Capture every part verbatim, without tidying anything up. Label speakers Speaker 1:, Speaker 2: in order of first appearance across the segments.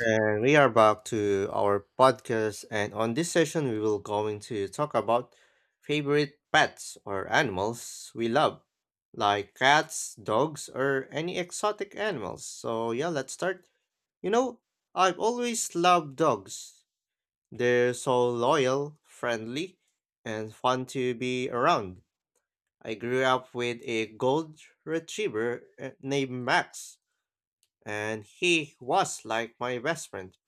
Speaker 1: And we are back to our podcast and on this session we will going to talk about favorite pets or animals we love like cats, dogs or any exotic animals. So yeah, let's start. You know, I've always loved dogs. They're so loyal, friendly and fun to be around. I grew up with a gold retriever uh, named Max and he was like my best friend.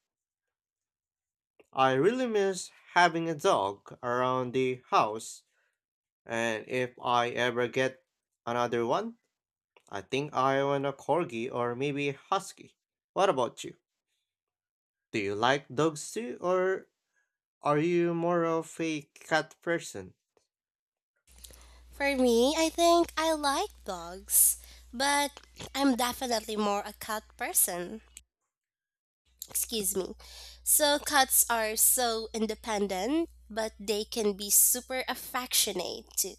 Speaker 1: I really miss having a dog around the house, and if I ever get another one, I think I want a corgi or maybe a husky. What about you? Do you like dogs too, or are you more of a cat person?
Speaker 2: For me, I think I like dogs, but I'm definitely more a cat person. Excuse me. So, cats are so independent, but they can be super affectionate too,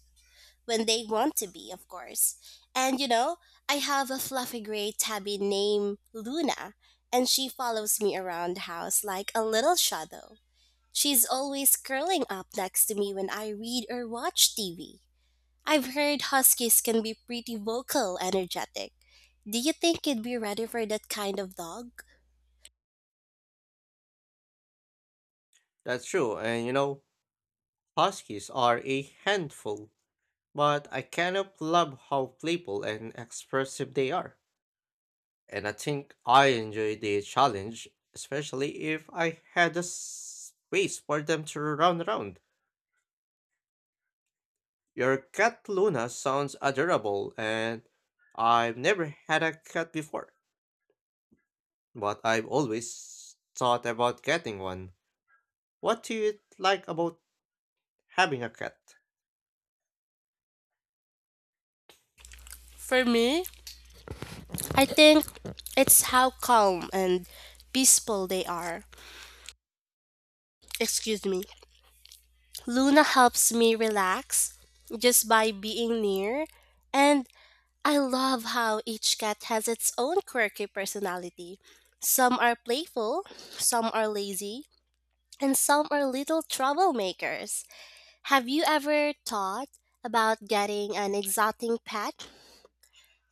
Speaker 2: when they want to be, of course. And you know, I have a fluffy gray tabby named Luna, and she follows me around the house like a little shadow. She's always curling up next to me when I read or watch T V. I've heard huskies can be pretty vocal, energetic. Do you think you'd be ready for that kind of dog?
Speaker 1: That's true, and you know, huskies are a handful, but I cannot love how playful and expressive they are. And I think I enjoy the challenge, especially if I had a space for them to run around. Your cat Luna sounds adorable, and I've never had a cat before, but I've always thought about getting one. What do you like about having a cat?
Speaker 2: For me, I think it's how calm and peaceful they are. Excuse me. Luna helps me relax just by being near, and I love how each cat has its own quirky personality. Some are playful, some are lazy, and some are little troublemakers. Have you ever thought about getting an exotic pet,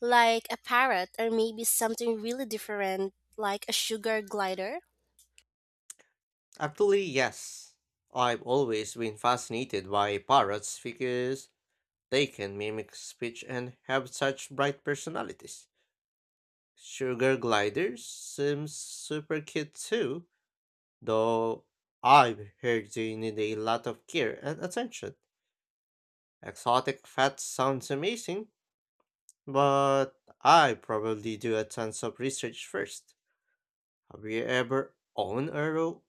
Speaker 2: like a parrot or maybe something really different, like a sugar glider?
Speaker 1: Actually, yes. I've always been fascinated by parrots because they can mimic speech and have such bright personalities. Sugar gliders seems super cute too, though I've heard they need a lot of care and attention. Exotic fat sounds amazing, but I probably do a tons of research first. Have you ever owned or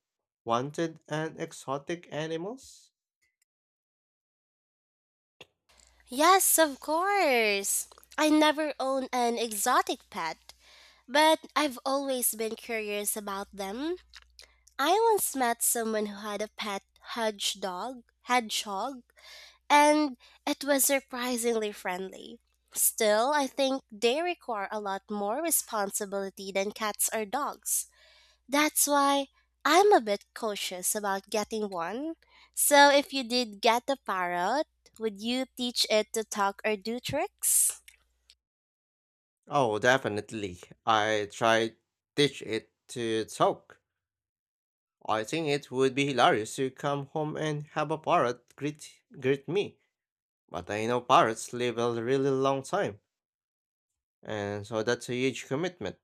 Speaker 1: wanted an exotic animals?
Speaker 2: Yes, of course. I never owned an exotic pet, but I've always been curious about them. I once met someone who had a pet hedgehog, hedgehog and it was surprisingly friendly. Still, I think they require a lot more responsibility than cats or dogs. That's why I'm a bit cautious about getting one. So, if you did get a parrot, would you teach it to talk or do tricks?
Speaker 1: Oh, definitely. I tried teach it to talk. I think it would be hilarious to come home and have a parrot greet greet me. But I know parrots live a really long time, and so that's a huge commitment,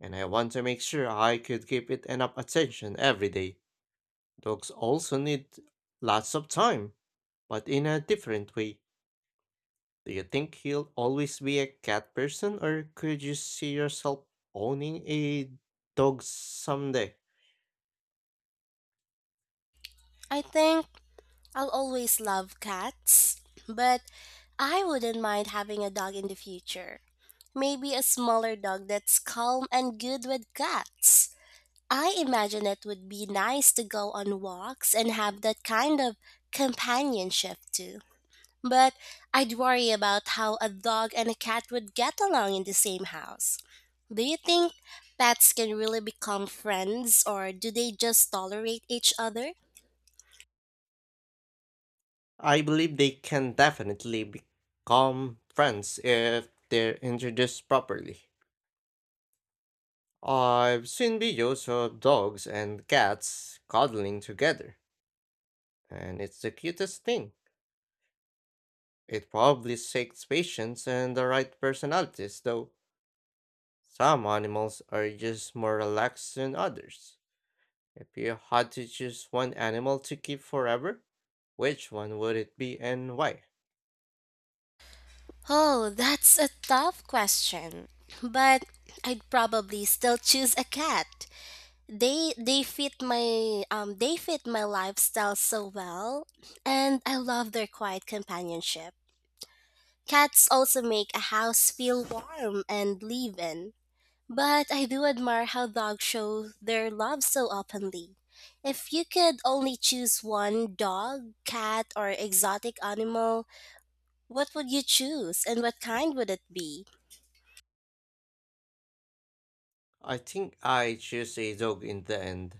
Speaker 1: and I want to make sure I could give it enough attention every day. Dogs also need lots of time, but in a different way. Do you think he'll always be a cat person, or could you see yourself owning a dog someday?
Speaker 2: I think I'll always love cats, but I wouldn't mind having a dog in the future. Maybe a smaller dog that's calm and good with cats. I imagine it would be nice to go on walks and have that kind of companionship too. But I'd worry about how a dog and a cat would get along in the same house. Do you think pets can really become friends or do they just tolerate each other?
Speaker 1: I believe they can definitely become friends if they're introduced properly. I've seen videos of dogs and cats cuddling together, and it's the cutest thing. It probably takes patience and the right personalities, though. Some animals are just more relaxed than others. If you had to choose one animal to keep forever, which one would it be and why?
Speaker 2: Oh, that's a tough question. But I'd probably still choose a cat. they they fit my um they fit my lifestyle so well, and I love their quiet companionship. Cats also make a house feel warm and live in. But I do admire how dogs show their love so openly. If you could only choose one dog, cat, or exotic animal, what would you choose and what kind would it be?
Speaker 1: I think I choose a dog in the end.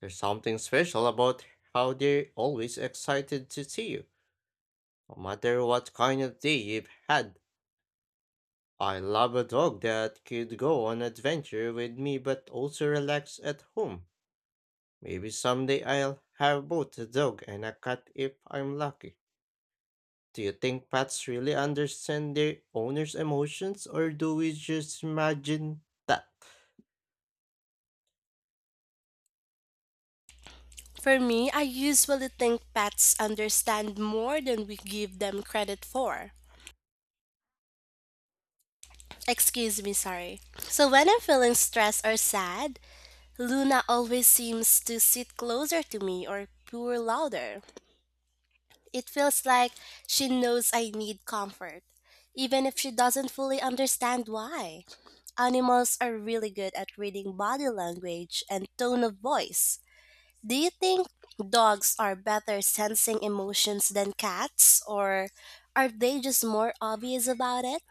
Speaker 1: There's something special about how they're always excited to see you, no matter what kind of day you've had. I love a dog that could go on adventure with me but also relax at home. Maybe someday I'll have both a dog and a cat if I'm lucky. Do you think pets really understand their owner's emotions or do we just imagine that?
Speaker 2: For me, I usually think pets understand more than we give them credit for. Excuse me, sorry. So when I'm feeling stressed or sad, Luna always seems to sit closer to me or purr louder. It feels like she knows I need comfort, even if she doesn't fully understand why. Animals are really good at reading body language and tone of voice. Do you think dogs are better sensing emotions than cats, or are they just more obvious about it?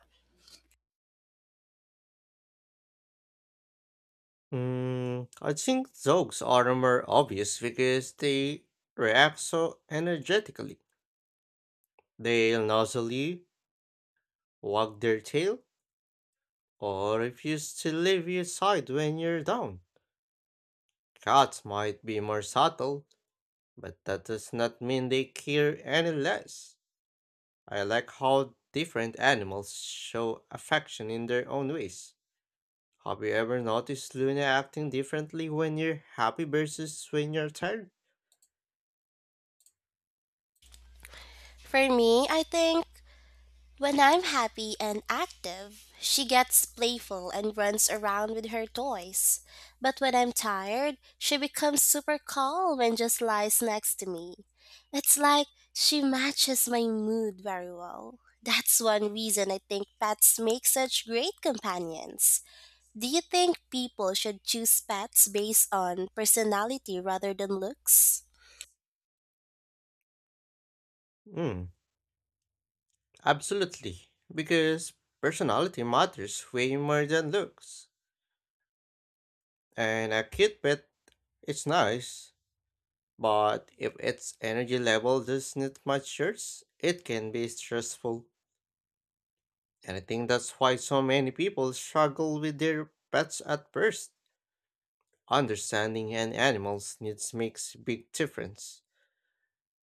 Speaker 1: Mm, I think dogs are more obvious because they react so energetically. They'll noisily wag their tail or refuse to leave your side when you're down. Cats might be more subtle, but that does not mean they care any less. I like how different animals show affection in their own ways. Have you ever noticed Luna acting differently when you're happy versus when you're tired?
Speaker 2: For me, I think when I'm happy and active, she gets playful and runs around with her toys. But when I'm tired, she becomes super calm and just lies next to me. It's like she matches my mood very well. That's one reason I think pets make such great companions. Do you think people should choose pets based on personality rather than looks?
Speaker 1: Mm, Absolutely. Because personality matters way more than looks. And a cute pet is nice, but if its energy level doesn't match yours, it can be stressful. And I think that's why so many people struggle with their pets at first. Understanding an animal's needs makes a big difference.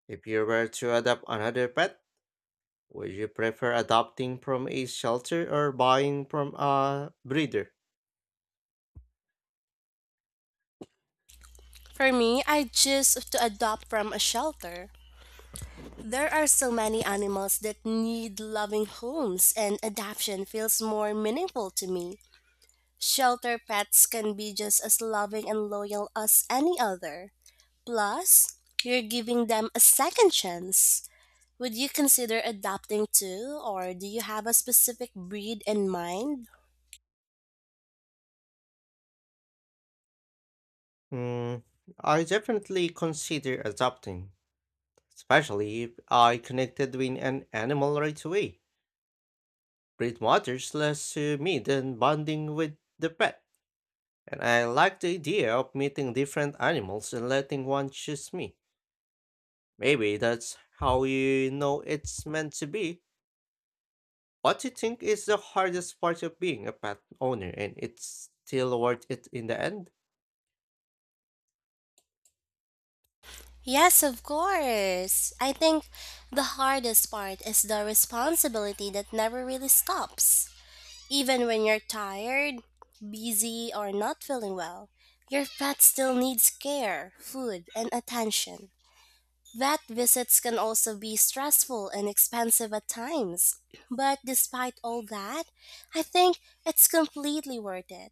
Speaker 1: If you were to adopt another pet, would you prefer adopting from a shelter or buying from a breeder?
Speaker 2: For me, I choose to adopt from a shelter. There are so many animals that need loving homes, and adoption feels more meaningful to me. Shelter pets can be just as loving and loyal as any other. Plus, you're giving them a second chance. Would you consider adopting too, or do you have a specific breed in mind?
Speaker 1: Hmm, I definitely consider adopting, especially if I connected with an animal right away. Breed matters less to me than bonding with the pet. And I like the idea of meeting different animals and letting one choose me. Maybe that's how you know it's meant to be. What do you think is the hardest part of being a pet owner and it's still worth it in the end?
Speaker 2: Yes, of course. I think the hardest part is the responsibility that never really stops. Even when you're tired, busy, or not feeling well, your pet still needs care, food, and attention. Vet visits can also be stressful and expensive at times, but despite all that, I think it's completely worth it.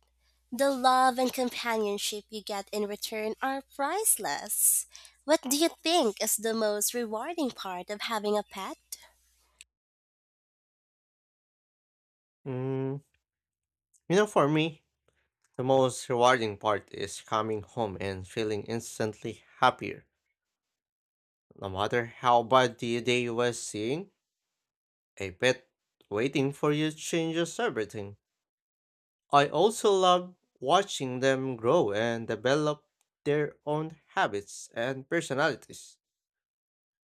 Speaker 2: The love and companionship you get in return are priceless. What do you think is the most rewarding part of having a pet?
Speaker 1: Mm, you know, for me, the most rewarding part is coming home and feeling instantly happier. No matter how bad the day was seeing, a pet waiting for you changes everything. I also love watching them grow and develop their own habits and personalities.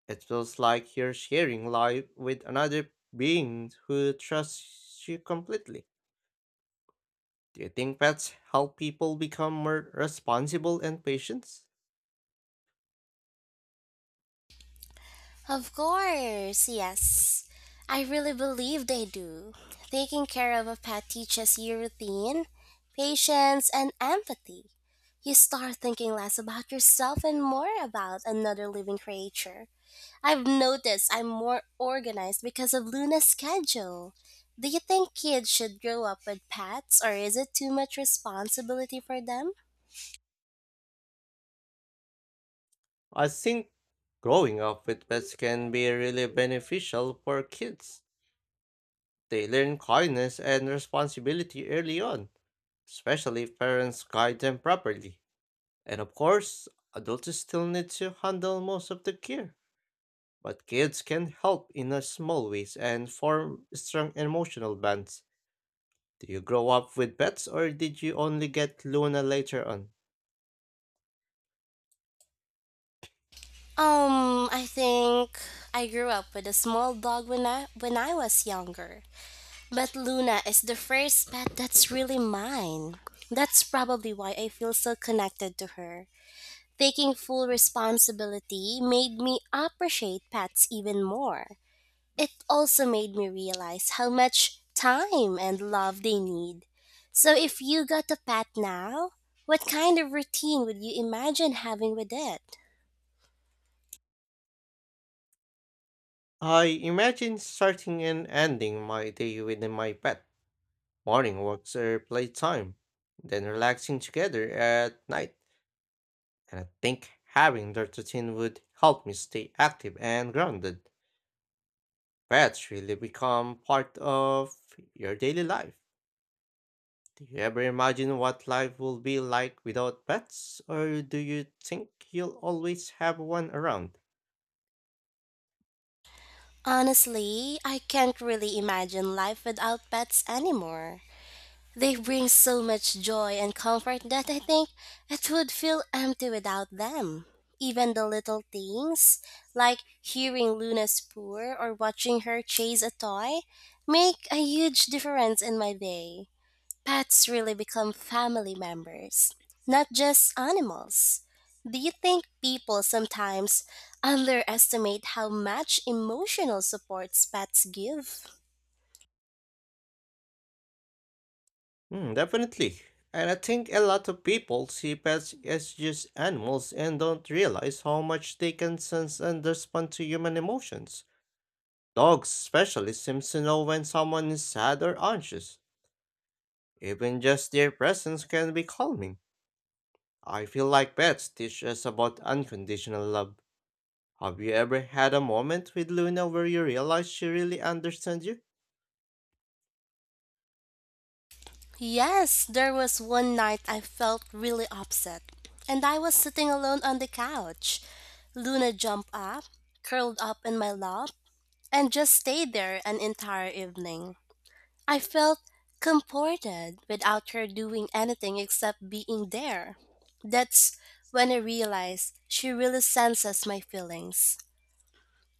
Speaker 1: It feels like you're sharing life with another being who trusts you completely. Do you think pets help people become more responsible and patient?
Speaker 2: Of course, yes. I really believe they do. Taking care of a pet teaches you routine, patience, and empathy. You start thinking less about yourself and more about another living creature. I've noticed I'm more organized because of Luna's schedule. Do you think kids should grow up with pets, or is it too much responsibility for them?
Speaker 1: I think growing up with pets can be really beneficial for kids. They learn kindness and responsibility early on, especially if parents guide them properly. And of course, adults still need to handle most of the care, but kids can help in a small ways and form strong emotional bonds. Do you grow up with pets or did you only get Luna later on?
Speaker 2: Um, I think I grew up with a small dog when I when I was younger. But Luna is the first pet that's really mine. That's probably why I feel so connected to her. Taking full responsibility made me appreciate pets even more. It also made me realize how much time and love they need. So, if you got a pet now, what kind of routine would you imagine having with it?
Speaker 1: I imagine starting and ending my day with my pet, morning walks or playtime, then relaxing together at night. And I think having that routine would help me stay active and grounded. Pets really become part of your daily life. Do you ever imagine what life will be like without pets, or do you think you'll always have one around?
Speaker 2: Honestly, I can't really imagine life without pets anymore. They bring so much joy and comfort that I think it would feel empty without them. Even the little things, like hearing Luna purr or watching her chase a toy, make a huge difference in my day. Pets really become family members, not just animals. Do you think people sometimes underestimate how much emotional supports pets give?
Speaker 1: Hmm, definitely. And I think a lot of people see pets as just animals and don't realize how much they can sense and respond to human emotions. Dogs especially seem to know when someone is sad or anxious. Even just their presence can be calming. I feel like pets teach us about unconditional love. Have you ever had a moment with Luna where you realize she really understands you?
Speaker 2: Yes, there was one night I felt really upset, and I was sitting alone on the couch. Luna jumped up, curled up in my lap, and just stayed there an entire evening. I felt comforted without her doing anything except being there. That's when I realized she really senses my feelings.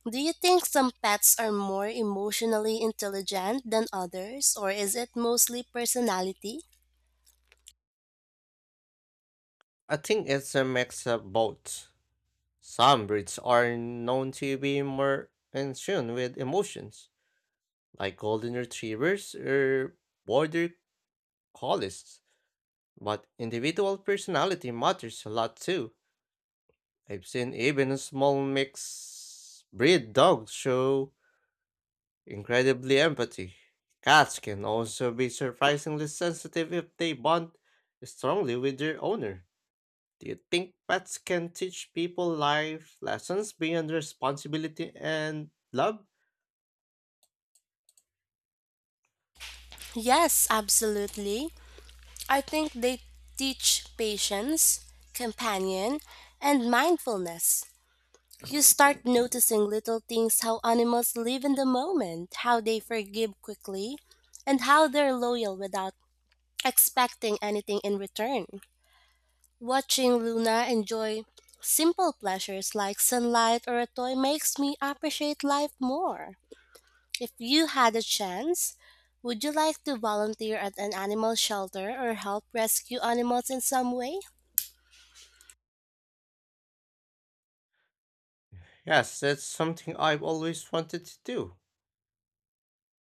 Speaker 2: Do you think some pets are more emotionally intelligent than others, or is it mostly personality?
Speaker 1: I think it's a mix of both. Some breeds are known to be more in tune with emotions, like golden retrievers or border collies, but individual personality matters a lot too. I've seen even small mixed breed dogs show incredibly empathy. Cats can also be surprisingly sensitive if they bond strongly with their owner. Do you think pets can teach people life lessons beyond responsibility and love?
Speaker 2: Yes, absolutely. I think they teach patience, companion, and mindfulness. You start noticing little things how animals live in the moment, how they forgive quickly, and how they're loyal without expecting anything in return. Watching Luna enjoy simple pleasures like sunlight or a toy makes me appreciate life more. If you had a chance, would you like to volunteer at an animal shelter or help rescue animals in some way?
Speaker 1: Yes, that's something I've always wanted to do.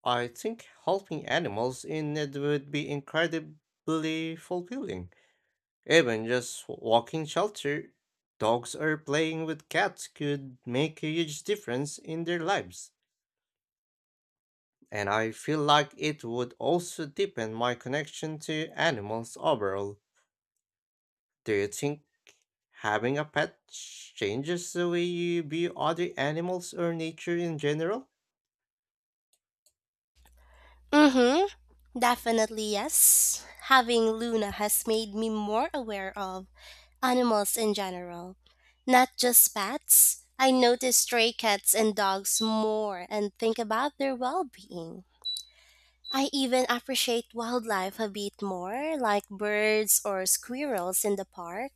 Speaker 1: I think helping animals in need would be incredibly fulfilling. Even just walking shelter, dogs or playing with cats could make a huge difference in their lives. And I feel like it would also deepen my connection to animals overall. Do you think having a pet changes the way you view other animals or nature in general?
Speaker 2: Mm-hmm. Definitely yes. Having Luna has made me more aware of animals in general. Not just pets. I notice stray cats and dogs more and think about their well being. I even appreciate wildlife a bit more, like birds or squirrels in the park,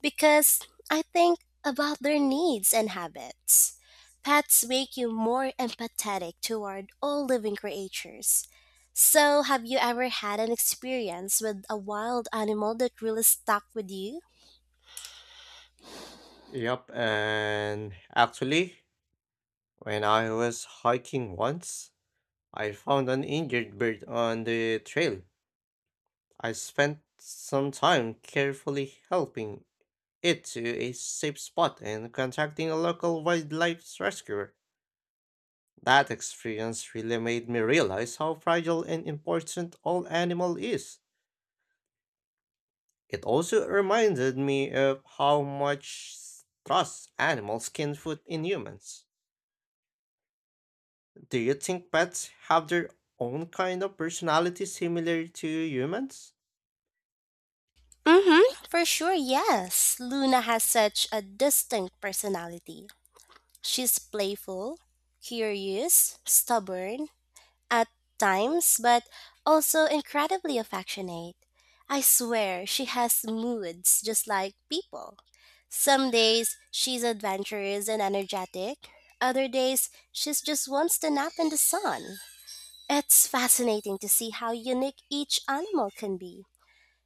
Speaker 2: because I think about their needs and habits. Pets make you more empathetic toward all living creatures. So, have you ever had an experience with a wild animal that really stuck with you?
Speaker 1: Yep, and actually, when I was hiking once, I found an injured bird on the trail. I spent some time carefully helping it to a safe spot and contacting a local wildlife rescuer. That experience really made me realize how fragile and important all animal is. It also reminded me of how much trust animals can put in humans. Do you think pets have their own kind of personality similar to humans?
Speaker 2: Mm-hmm. For sure, yes. Luna has such a distinct personality. She's playful, curious, stubborn, at times, but also incredibly affectionate. I swear she has moods just like people. Some days she's adventurous and energetic, other days she just wants to nap in the sun. It's fascinating to see how unique each animal can be.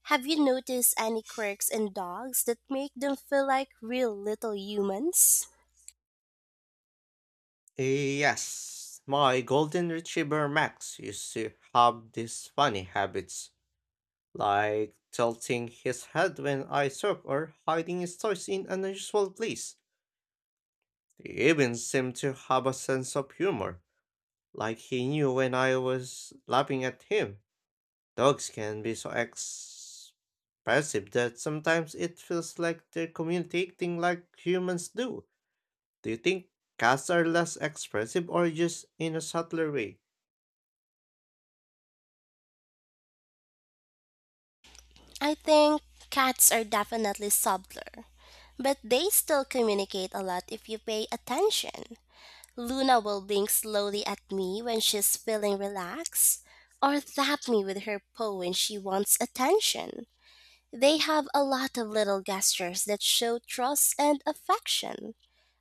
Speaker 2: Have you noticed any quirks in dogs that make them feel like real little humans?
Speaker 1: Yes, my golden retriever Max used to have these funny habits, like tilting his head when I talk or hiding his toys in an unusual place. They even seemed to have a sense of humor, like he knew when I was laughing at him. Dogs can be so expressive that sometimes it feels like they're communicating like humans do. Do you think cats are less expressive or just in a subtler way?
Speaker 2: I think cats are definitely subtler, but they still communicate a lot if you pay attention. Luna will blink slowly at me when she's feeling relaxed, or tap me with her paw when she wants attention. They have a lot of little gestures that show trust and affection.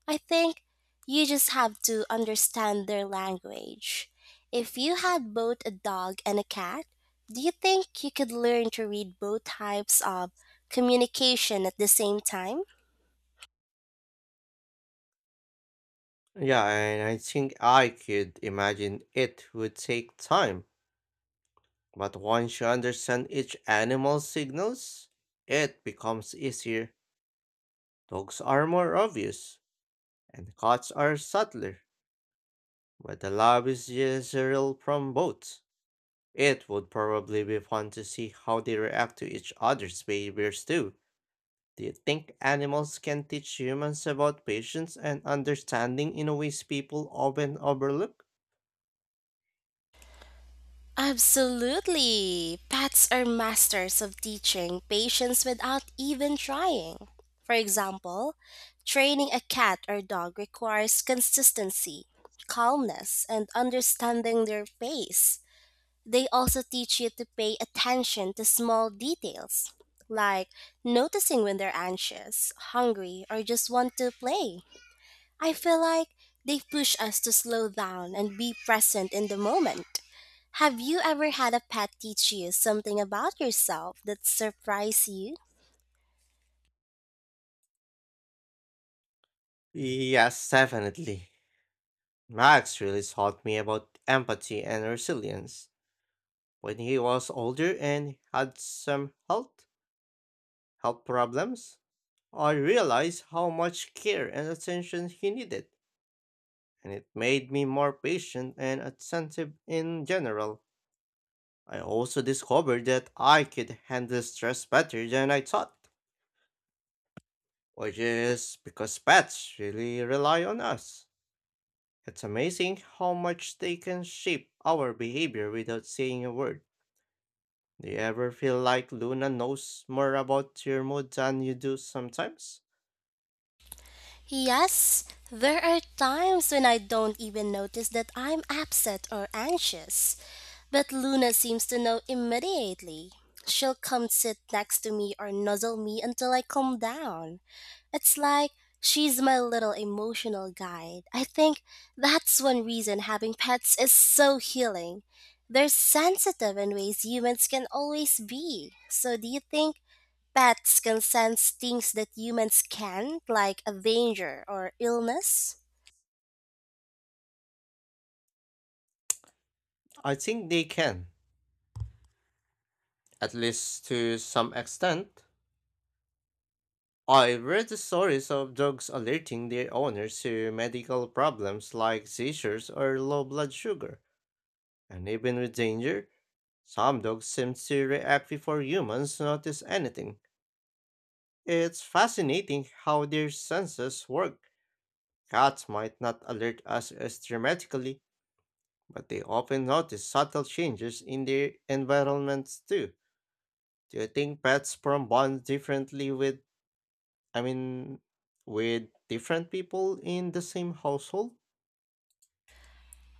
Speaker 2: I think you just have to understand their language. If you had both a dog and a cat, do you think you could learn to read both types of communication at the same time?
Speaker 1: Yeah, and I think I could imagine it would take time, but once you understand each animal's signals, it becomes easier. Dogs are more obvious and cuts are subtler, but the love is visceral from both. It would probably be fun to see how they react to each other's behaviors too. Do you think animals can teach humans about patience and understanding in ways people often overlook?
Speaker 2: Absolutely. Pets are masters of teaching patience without even trying. For example, training a cat or dog requires consistency, calmness, and understanding their pace. They also teach you to pay attention to small details, like noticing when they're anxious, hungry, or just want to play. I feel like they push us to slow down and be present in the moment. Have you ever had a pet teach you something about yourself that surprised you?
Speaker 1: Yes, definitely. Max really taught me about empathy and resilience. When he was older and had some health health problems, I realized how much care and attention he needed, and it made me more patient and attentive in general. I also discovered that I could handle stress better than I thought, which is because pets really rely on us. It's amazing how much they can shape our behavior without saying a word. Do you ever feel like Luna knows more about your mood than you do sometimes?
Speaker 2: Yes, there are times when I don't even notice that I'm upset or anxious. But Luna seems to know immediately. She'll come sit next to me or nuzzle me until I calm down. It's like she's my little emotional guide. I think that's one reason having pets is so healing. They're sensitive in ways humans can always be. So, do you think pets can sense things that humans can't, like a danger or illness?
Speaker 1: I think they can, at least to some extent. I read the stories of dogs alerting their owners to medical problems like seizures or low blood sugar, and even with danger, some dogs seem to react before humans notice anything. It's fascinating how their senses work. Cats might not alert us as dramatically, but they often notice subtle changes in their environments too. Do you think pets form bonds differently with, I mean, with different people in the same household?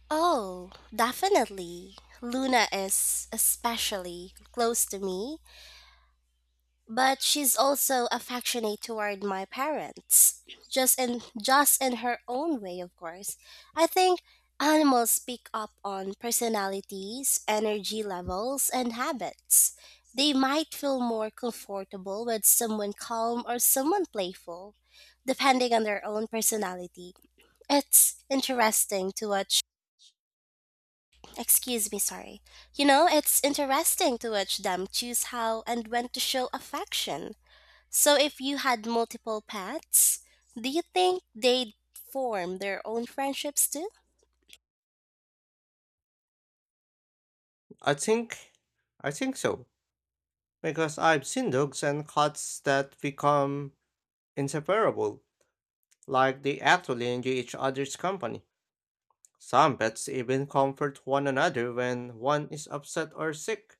Speaker 2: Oh, definitely. Luna is especially close to me, but she's also affectionate toward my parents. Just in just in her own way, of course. I think animals pick up on personalities, energy levels, and habits. They might feel more comfortable with someone calm or someone playful, depending on their own personality. It's interesting to watch. Excuse me, sorry. You know, it's interesting to watch them choose how and when to show affection. So, if you had multiple pets, do you think they'd form their own friendships too?
Speaker 1: I think I think so because I've seen dogs and cats that become inseparable, like they actually enjoy each other's company. Some pets even comfort one another when one is upset or sick.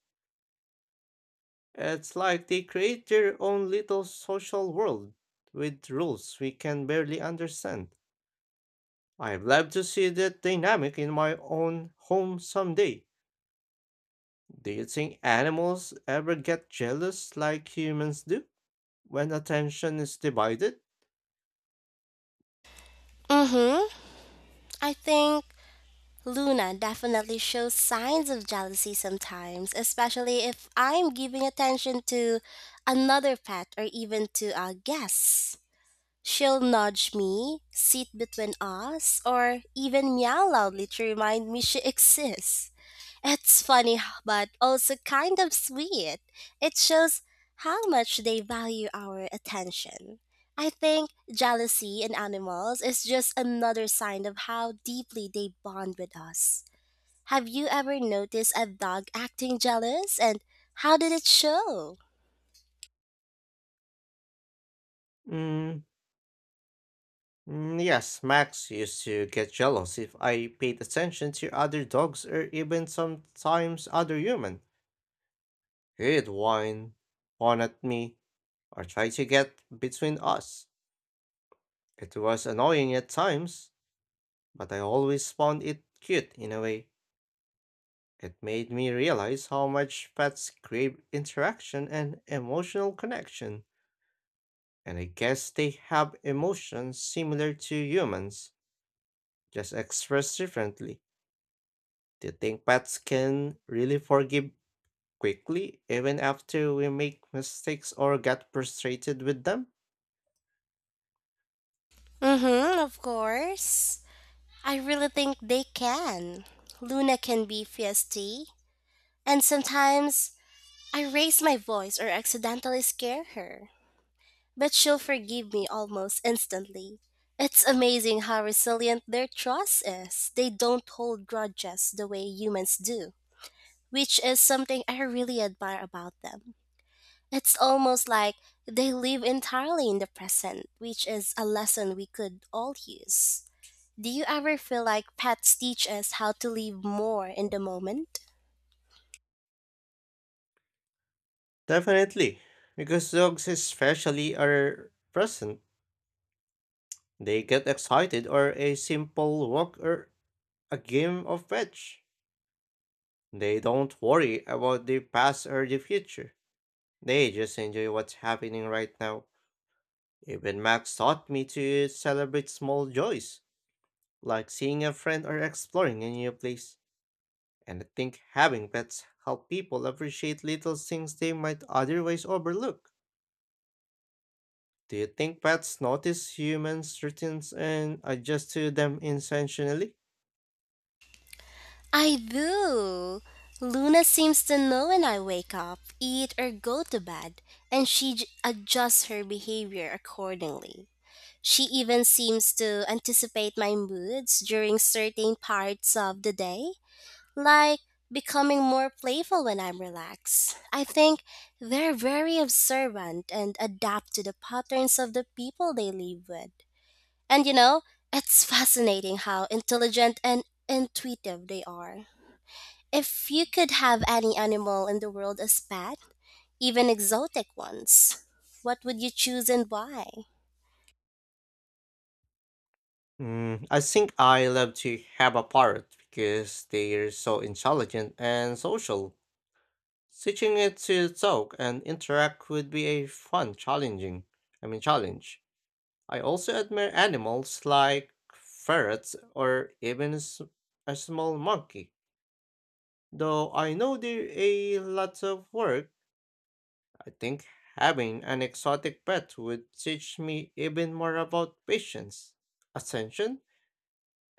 Speaker 1: It's like they create their own little social world with rules we can barely understand. I'd love to see that dynamic in my own home someday. Do you think animals ever get jealous like humans do when attention is divided?
Speaker 2: Mm-hmm. I think Luna definitely shows signs of jealousy sometimes, especially if I'm giving attention to another pet or even to a guest. She'll nudge me, sit between us, or even meow loudly to remind me she exists. It's funny but also kind of sweet. It shows how much they value our attention. I think jealousy in animals is just another sign of how deeply they bond with us. Have you ever noticed a dog acting jealous and how did it show?
Speaker 1: Mm, mm, yes, Max used to get jealous if I paid attention to other dogs or even sometimes other human. He'd whine, fawn at me, or try to get between us. It was annoying at times, but I always found it cute in a way. It made me realize how much pets crave interaction and emotional connection, and I guess they have emotions similar to humans just expressed differently. Do you think pets can really forgive quickly, even after we make mistakes or get frustrated with them?
Speaker 2: Mm hmm, of course. I really think they can. Luna can be feisty, and sometimes I raise my voice or accidentally scare her, but she'll forgive me almost instantly. It's amazing how resilient their trust is. They don't hold grudges the way humans do, which is something I really admire about them. It's almost like they live entirely in the present, which is a lesson we could all use. Do you ever feel like pets teach us how to live more in the moment?
Speaker 1: Definitely, because dogs especially are present. They get excited or a simple walk or a game of fetch. They don't worry about the past or the future. They just enjoy what's happening right now. Even Max taught me to celebrate small joys like seeing a friend or exploring a new place. And I think having pets help people appreciate little things they might otherwise overlook. Do you think pets notice humans' routines and adjust to them intentionally?
Speaker 2: I do. Luna seems to know when I wake up, eat, or go to bed, and she j- adjusts her behavior accordingly. She even seems to anticipate my moods during certain parts of the day, like becoming more playful when I'm relaxed. I think they're very observant and adapt to the patterns of the people they live with. And you know, it's fascinating how intelligent and intuitive they are. If you could have any animal in the world as pet, even exotic ones, what would you choose and why?
Speaker 1: Mm, I think I love to have a parrot because they are so intelligent and social. Teaching it to talk and interact would be a fun challenging, I mean challenge. I also admire animals like ferrets or even s- a small monkey. Though I know they're a lot of work, I think having an exotic pet would teach me even more about patience, attention,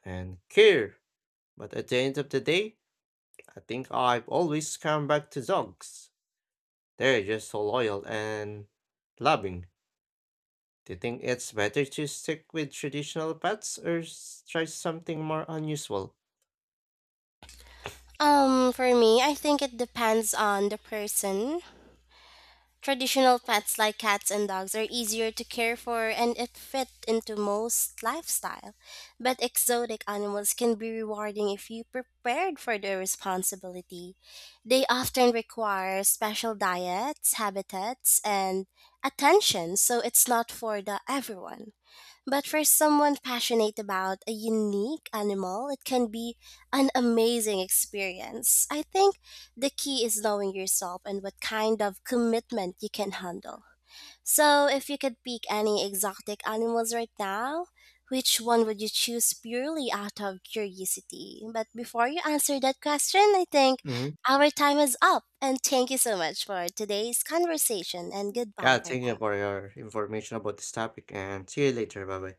Speaker 1: and care. But at the end of the day, I think I've always come back to dogs. They're just so loyal and loving. Do you think it's better to stick with traditional pets or s- try something more unusual?
Speaker 2: Um, for me, I think it depends on the person. Traditional pets like cats and dogs are easier to care for and it fit into most lifestyle, but exotic animals can be rewarding if you prepared for their responsibility. They often require special diets, habitats, and attention, so it's not for the everyone. But for someone passionate about a unique animal, it can be an amazing experience. I think the key is knowing yourself and what kind of commitment you can handle. So, if you could pick any exotic animals right now, which one would you choose purely out of curiosity? But before you answer that question, I think
Speaker 1: Mhm.
Speaker 2: our time is up. And thank you so much for today's conversation, and goodbye
Speaker 1: Yeah,
Speaker 2: for
Speaker 1: thank you
Speaker 2: now.
Speaker 1: for your information about this topic and see you later. Bye bye.